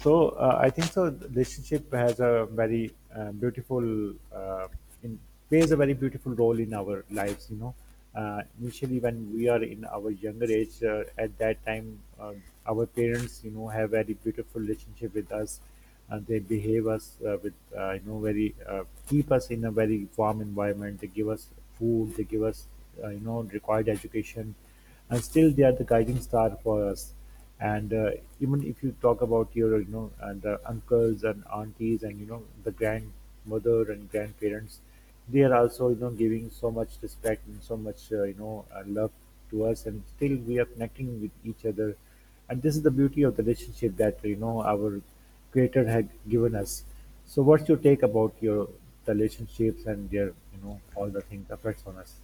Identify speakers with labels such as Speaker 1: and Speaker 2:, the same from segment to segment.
Speaker 1: So I think so. The relationship has a very beautiful, in, plays a very beautiful role in our lives. Initially, when we are in our younger age, at that time, our parents, have very beautiful relationship with us. And they behave us with, very keep us in a very warm environment. They give us food. They give us, required education, and still they are the guiding star for us, and even if you talk about your, the uncles and aunties, and the grandmother and grandparents, they are also giving so much respect and so much love to us, and still we are connecting with each other. And this is the beauty of the relationship that our creator had given us. So what's your take about your, the relationships and their, all the things affects on us?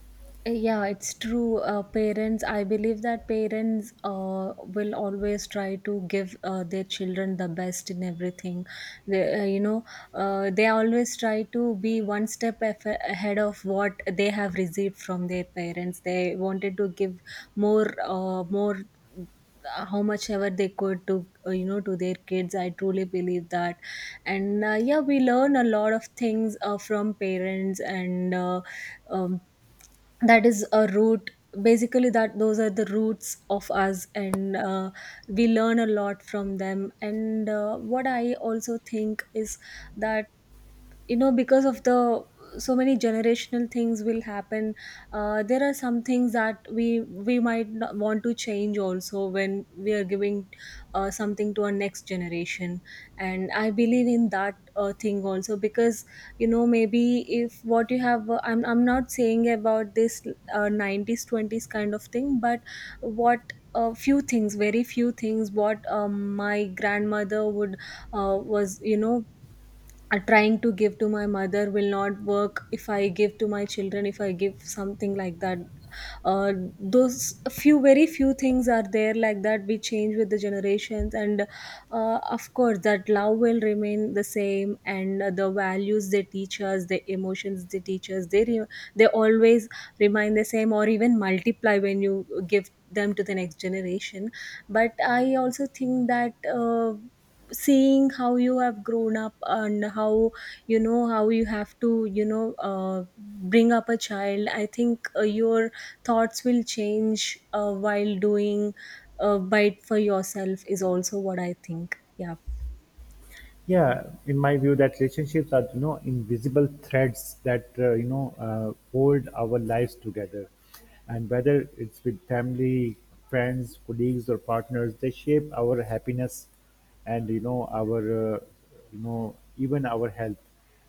Speaker 2: Yeah, it's true. Parents, I believe that parents will always try to give their children the best in everything. They they always try to be one step ahead of what they have received from their parents. They wanted to give more, more, how much ever they could to, to their kids. I truly believe that. And yeah, we learn a lot of things from parents and um, that is a root basically. That those are the roots of us, and we learn a lot from them. And what I also think is that, you know, because of the so many generational things will happen, there are some things that we might not want to change also when we are giving something to our next generation. And I believe in that thing also, because you know, maybe if what you have, I'm not saying about this 90s 20s kind of thing, but what, a few things, very few things, what my grandmother would was, you know, trying to give to my mother will not work if I give to my children, if I give something like that. uh, those few, very few things are there like that. We change with the generations, and of course, that love will remain the same, and the values they teach us, the emotions they teach us, they they always remain the same or even multiply when you give them to the next generation. But I also think that seeing how you have grown up and how, you know, how you have to, you know, bring up a child, I think your thoughts will change while doing a bite for yourself is also what I think. Yeah.
Speaker 1: Yeah, in my view that relationships are, invisible threads that hold our lives together, and whether it's with family, friends, colleagues or partners, they shape our happiness, and our, even our health.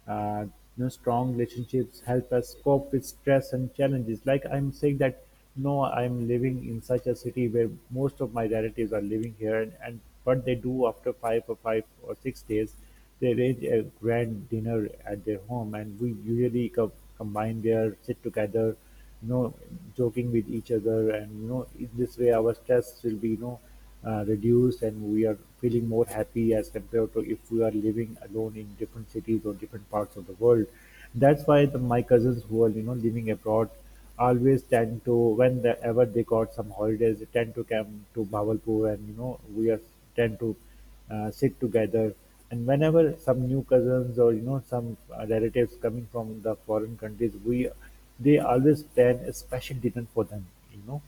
Speaker 1: uh, Strong relationships help us cope with stress and challenges. Like I'm saying that, no, I'm living in such a city where most of my relatives are living here, and what they do after 5 or 5 or 6 days, they arrange a grand dinner at their home, and we usually combine there, sit together, you know, joking with each other, and in this way, our stress will be, reduced, and we are feeling more happy as compared to if we are living alone in different cities or different parts of the world. That's why the, my cousins who are living abroad always tend to, whenever they got some holidays, they tend to come to Bawalpur, and we are tend to sit together. And whenever some new cousins or some relatives coming from the foreign countries, we they always plan a special dinner for them, you know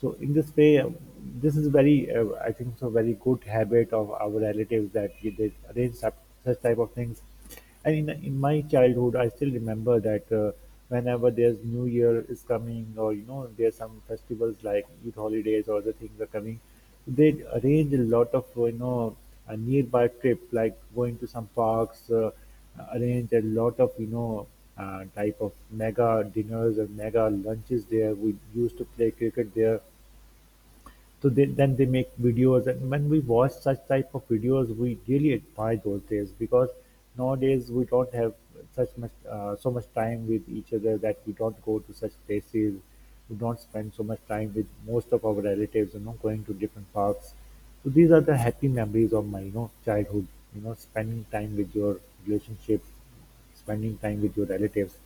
Speaker 1: so in this way, this is very, I think so, very good habit of our relatives that they arrange such type of things. And in my childhood, I still remember that whenever there's New Year is coming, or there's some festivals like Eid holidays or the things are coming, they arrange a lot of a nearby trip, like going to some parks. Arrange a lot of type of mega dinners or mega lunches there. We used to play cricket there. So then they make videos, and when we watch such type of videos, we really admire those days, because nowadays we don't have such much so much time with each other that we don't go to such places. We don't spend so much time with most of our relatives, going to different parks. So these are the happy memories of my, childhood. You know, spending time with your relationship Spending time with your relatives,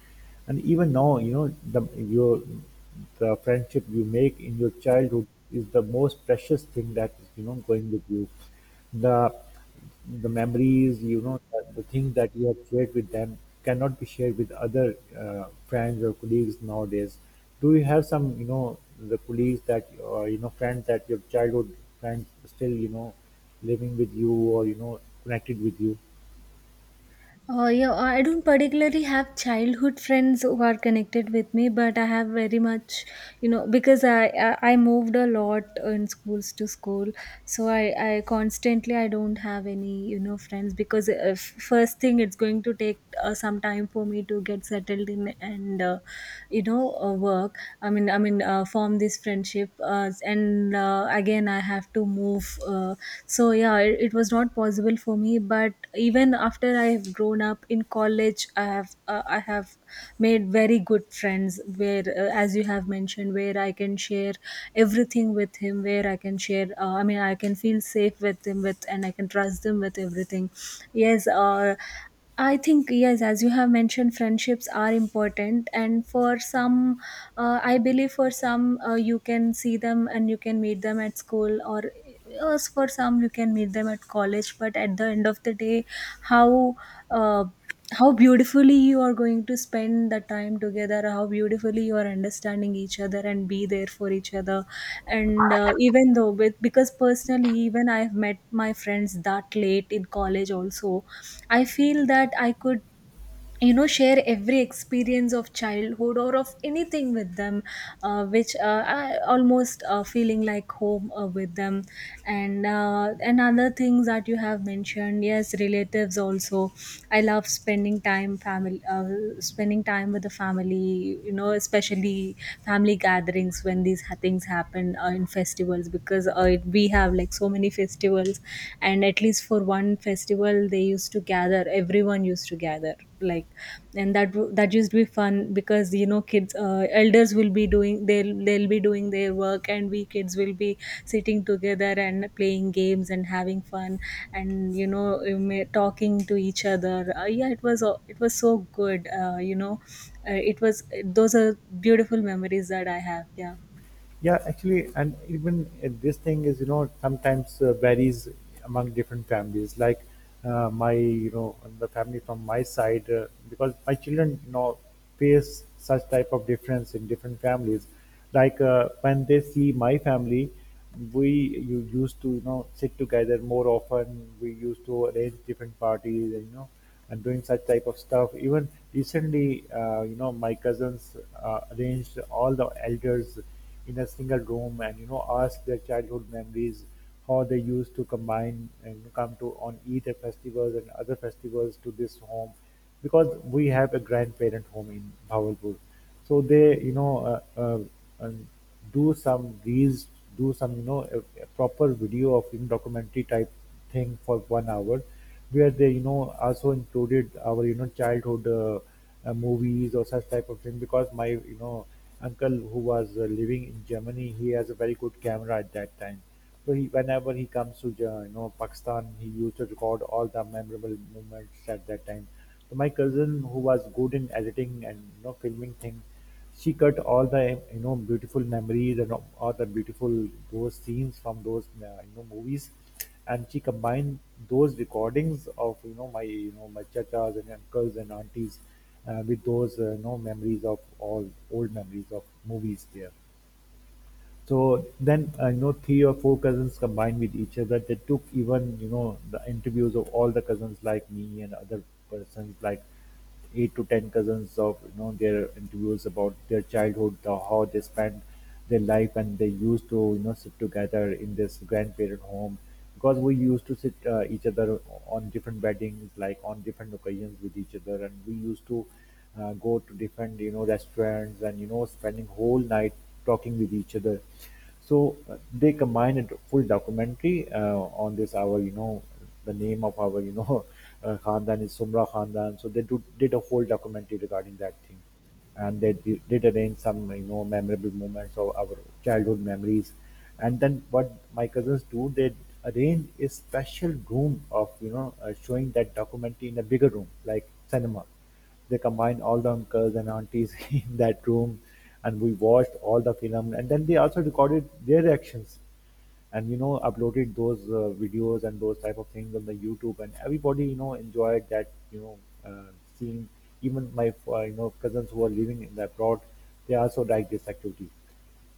Speaker 1: and even now, the your the friendship you make in your childhood is the most precious thing that is going with you. the the memories, the things that you have shared with them cannot be shared with other friends or colleagues nowadays. Do you have some, the colleagues that, or friends that, your childhood friends still living with you or connected with you?
Speaker 2: Yeah, I don't particularly have childhood friends who are connected with me, but I have very much, you know, because I moved a lot in schools to school, so I constantly I don't have any, you know, friends, because first thing, it's going to take some time for me to get settled in and work. I mean form this friendship, and again I have to move. So yeah, it was not possible for me. But even after I have grown up in college, I have I have made very good friends where, as you have mentioned, where I can share everything with him, where I can share, I mean, I can feel safe with him, with, and I can trust him with everything. Yes. I think yes, as you have mentioned, friendships are important, and for some, I believe for some, you can see them and you can meet them at school, or for some you can meet them at college. But at the end of the day, how, uh, how beautifully you are going to spend the time together, how beautifully you are understanding each other and be there for each other. And even though, with, because personally, even I've met my friends that late in college also, I feel that I could, you know, share every experience of childhood or of anything with them, which I almost feeling like home with them. And and other things that you have mentioned, yes, relatives also, I love spending time family, spending time with the family, you know, especially family gatherings when these things happen, in festivals, because it, we have like so many festivals, and at least for one festival they used to gather, everyone used to gather, like, and that that used to be fun, because you know, kids, elders will be doing, they'll be doing their work, and we kids will be sitting together and playing games and having fun. And you know, talking to each other. Yeah, it was it was so good. It was, those are beautiful memories that I have. Yeah.
Speaker 1: Yeah, actually, and even this thing is, sometimes varies among different families. Like, my, the family from my side, because my children, face such type of difference in different families. Like, when they see my family, we you used to sit together more often. We used to arrange different parties, and you know and doing such type of stuff. Even recently, my cousins arranged all the elders in a single room and asked their childhood memories, how they used to combine and come to on Eid festivals and other festivals to this home, because we have a grandparent home in Bahawalpur. So they, uh, do some reels, do some, a proper video of, documentary type thing, for 1 hour, where they also included our childhood movies or such type of thing, because my, uncle who was living in Germany, he has a very good camera at that time. So he, whenever he comes to Pakistan, he used to record all the memorable moments at that time. So my cousin, who was good in editing and filming things, she cut all the, beautiful memories, and all the beautiful, those scenes from those movies, and she combined those recordings of, my you know my chachas and uncles and aunties, with those, memories of all old memories of movies there. So then, three or four cousins combined with each other, they took even, the interviews of all the cousins like me and other persons like 8 to 10 cousins of, their interviews about their childhood, how they spent their life, and they used to sit together in this grandparent home, because we used to sit each other on different weddings, like on different occasions with each other, and we used to go to different, restaurants, and spending whole night talking with each other. So they combined a full documentary, on this, our, the name of our, khandan is sumra khandan. So they did a whole documentary regarding that thing, and they did arrange some, memorable moments of our childhood memories. And then what my cousins do, they arrange a special room of, showing that documentary, in a bigger room like cinema. They combined all the uncles and aunties in that room, and we watched all the film. And then they also recorded their reactions, and uploaded those videos and those type of things on the YouTube. And everybody, enjoyed that, uh, seeing. Even my, cousins who are living in the abroad, they also like this activity.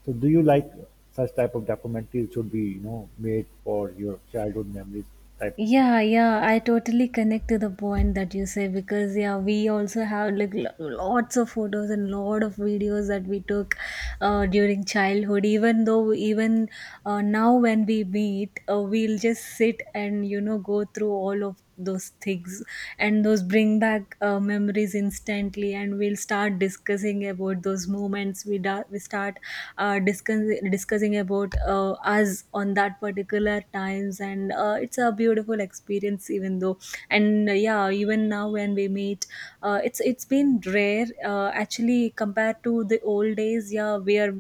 Speaker 1: So, do you like such type of documentaries should be made for your childhood memories type?
Speaker 2: Yeah, yeah, I totally connect to the point that you say, because yeah, we also have like lots of photos and lot of videos that we took during childhood. Even though, even now when we meet, we'll just sit and you know go through all of those things, and those bring back memories instantly, and we'll start discussing about those moments. We we start discussing about us on that particular times. And it's a beautiful experience, even though. And yeah, even now when we meet, it's been rare, actually, compared to the old days, yeah, where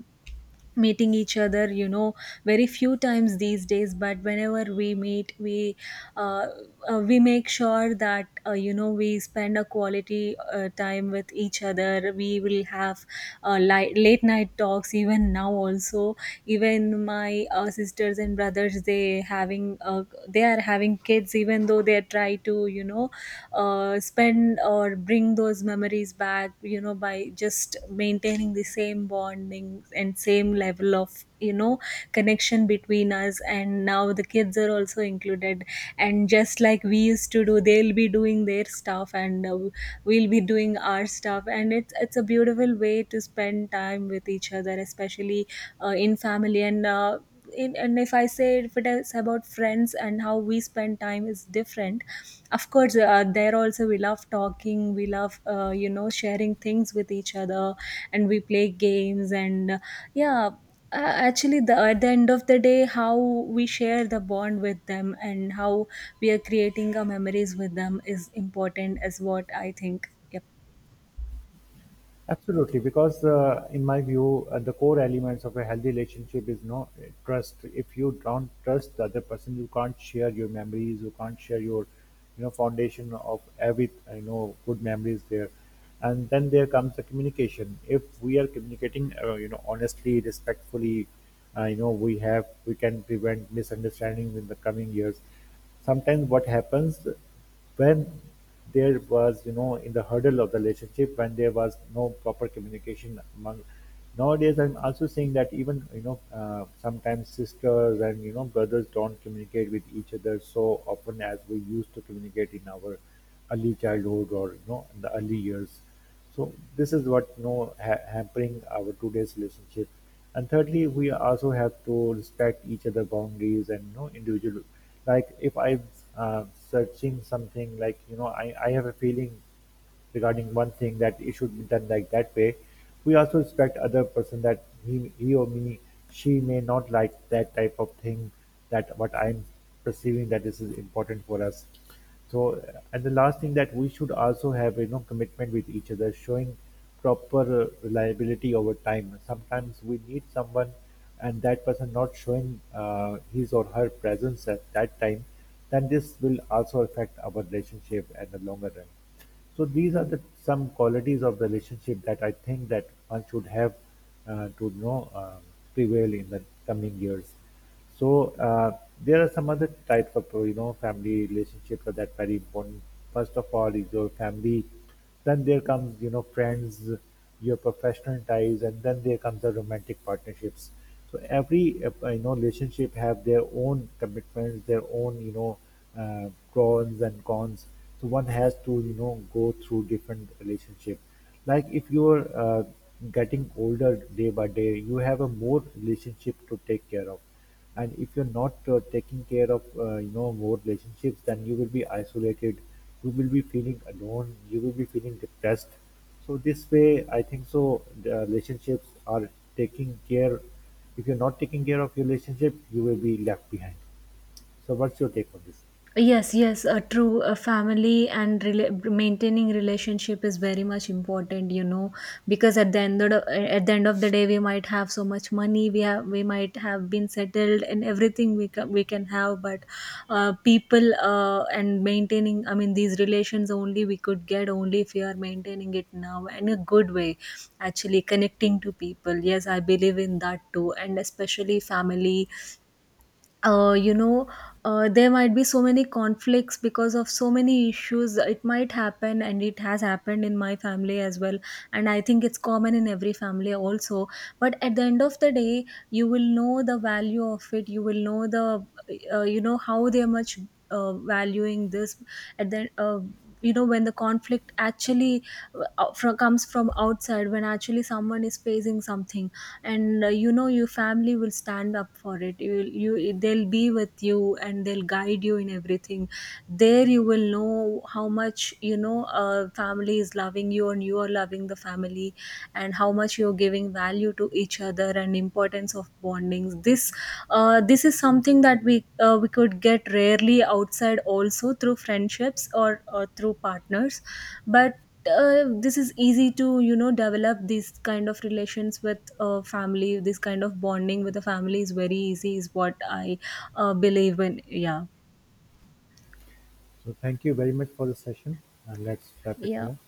Speaker 2: meeting each other, you know, very few times these days. But whenever we meet, uh, we make sure that you know, we spend a quality time with each other. We will have late night talks even now also. Even my sisters and brothers, they are having kids, even though they try to, you know, spend or bring those memories back, you know, by just maintaining the same bonding and same level of, you know, connection between us. And now the kids are also included, and just like we used to do, they'll be doing their stuff, and we'll be doing our stuff. And it's a beautiful way to spend time with each other, especially in family. And in, and if I say, if it is about friends and how we spend time, is different. Of course there also we love talking, we love, you know, sharing things with each other, and we play games, and yeah. Actually, the, at the end of the day, how we share the bond with them and how we are creating our memories with them is important, is what I think. Yep.
Speaker 1: Absolutely, because in my view, the core elements of a healthy relationship is no trust. If you don't trust the other person, you can't share your memories. You can't share your, foundation of every, good memories there. And then there comes the communication. If we are communicating, honestly, respectfully, we can prevent misunderstandings in the coming years. Sometimes what happens, when there was, in the hurdle of the relationship, when there was no proper communication among. Nowadays I'm also seeing that even, sometimes sisters and, brothers don't communicate with each other so often as we used to communicate in our early childhood, or in the early years. So this is what, hampering our today's relationship. And thirdly, we also have to respect each other boundaries and, individual. Like, if I'm uh, searching something, like, I have a feeling regarding one thing, that it should be done like that way. We also respect other person, that he or me, she may not like that type of thing, that what I'm perceiving, that this is important for us. So, and the last thing that we should also have, commitment with each other, showing proper reliability over time. Sometimes we need someone, and that person not showing his or her presence at that time, then this will also affect our relationship at the longer run. So these are the some qualities of the relationship that I think that one should have to, prevail in the coming years. So there are some other types of, family relationships that are that very important. First of all is your family, then there comes, friends, your professional ties, and then there comes the romantic partnerships. So every relationship have their own commitments, their own, pros and cons. So one has to go through different relationship. Like, if you're getting older day by day, you have a more relationship to take care of, and if you're not taking care of, more relationships, then you will be isolated. You will be feeling alone. You will be feeling depressed. So this way, I think so, the relationships are taking care. If you're not taking care of your relationship, you will be left behind. So what's your take on this?
Speaker 2: Yes, yes, true. A family and maintaining relationship is very much important, you know, because at the end of the, at the end of the day, we might have so much money, we have, we might have been settled and everything we can, we can have, but people, and maintaining, I mean, these relations only we could get only if you are maintaining it now in a good way, actually connecting to people. Yes, I believe in that too, and especially family uh, you know, there might be so many conflicts because of so many issues. It might happen, and it has happened in my family as well. And I think it's common in every family also. But at the end of the day, you will know the value of it. You will know the, you know, how they're much valuing this. At the, you know, when the conflict actually comes from outside, when actually someone is facing something, and you know, your family will stand up for it. You will, you, they'll be with you, and they'll guide you in everything. There you will know how much, you know, family is loving you and you are loving the family, and how much you're giving value to each other, and importance of bondings. This this is something that we could get rarely outside also through friendships or through partners. But this is easy to, you know, develop these kind of relations with family. This kind of bonding with the family is very easy, is what I believe in. Yeah,
Speaker 1: So thank you very much for the session, and let's wrap it
Speaker 2: yeah.
Speaker 1: here.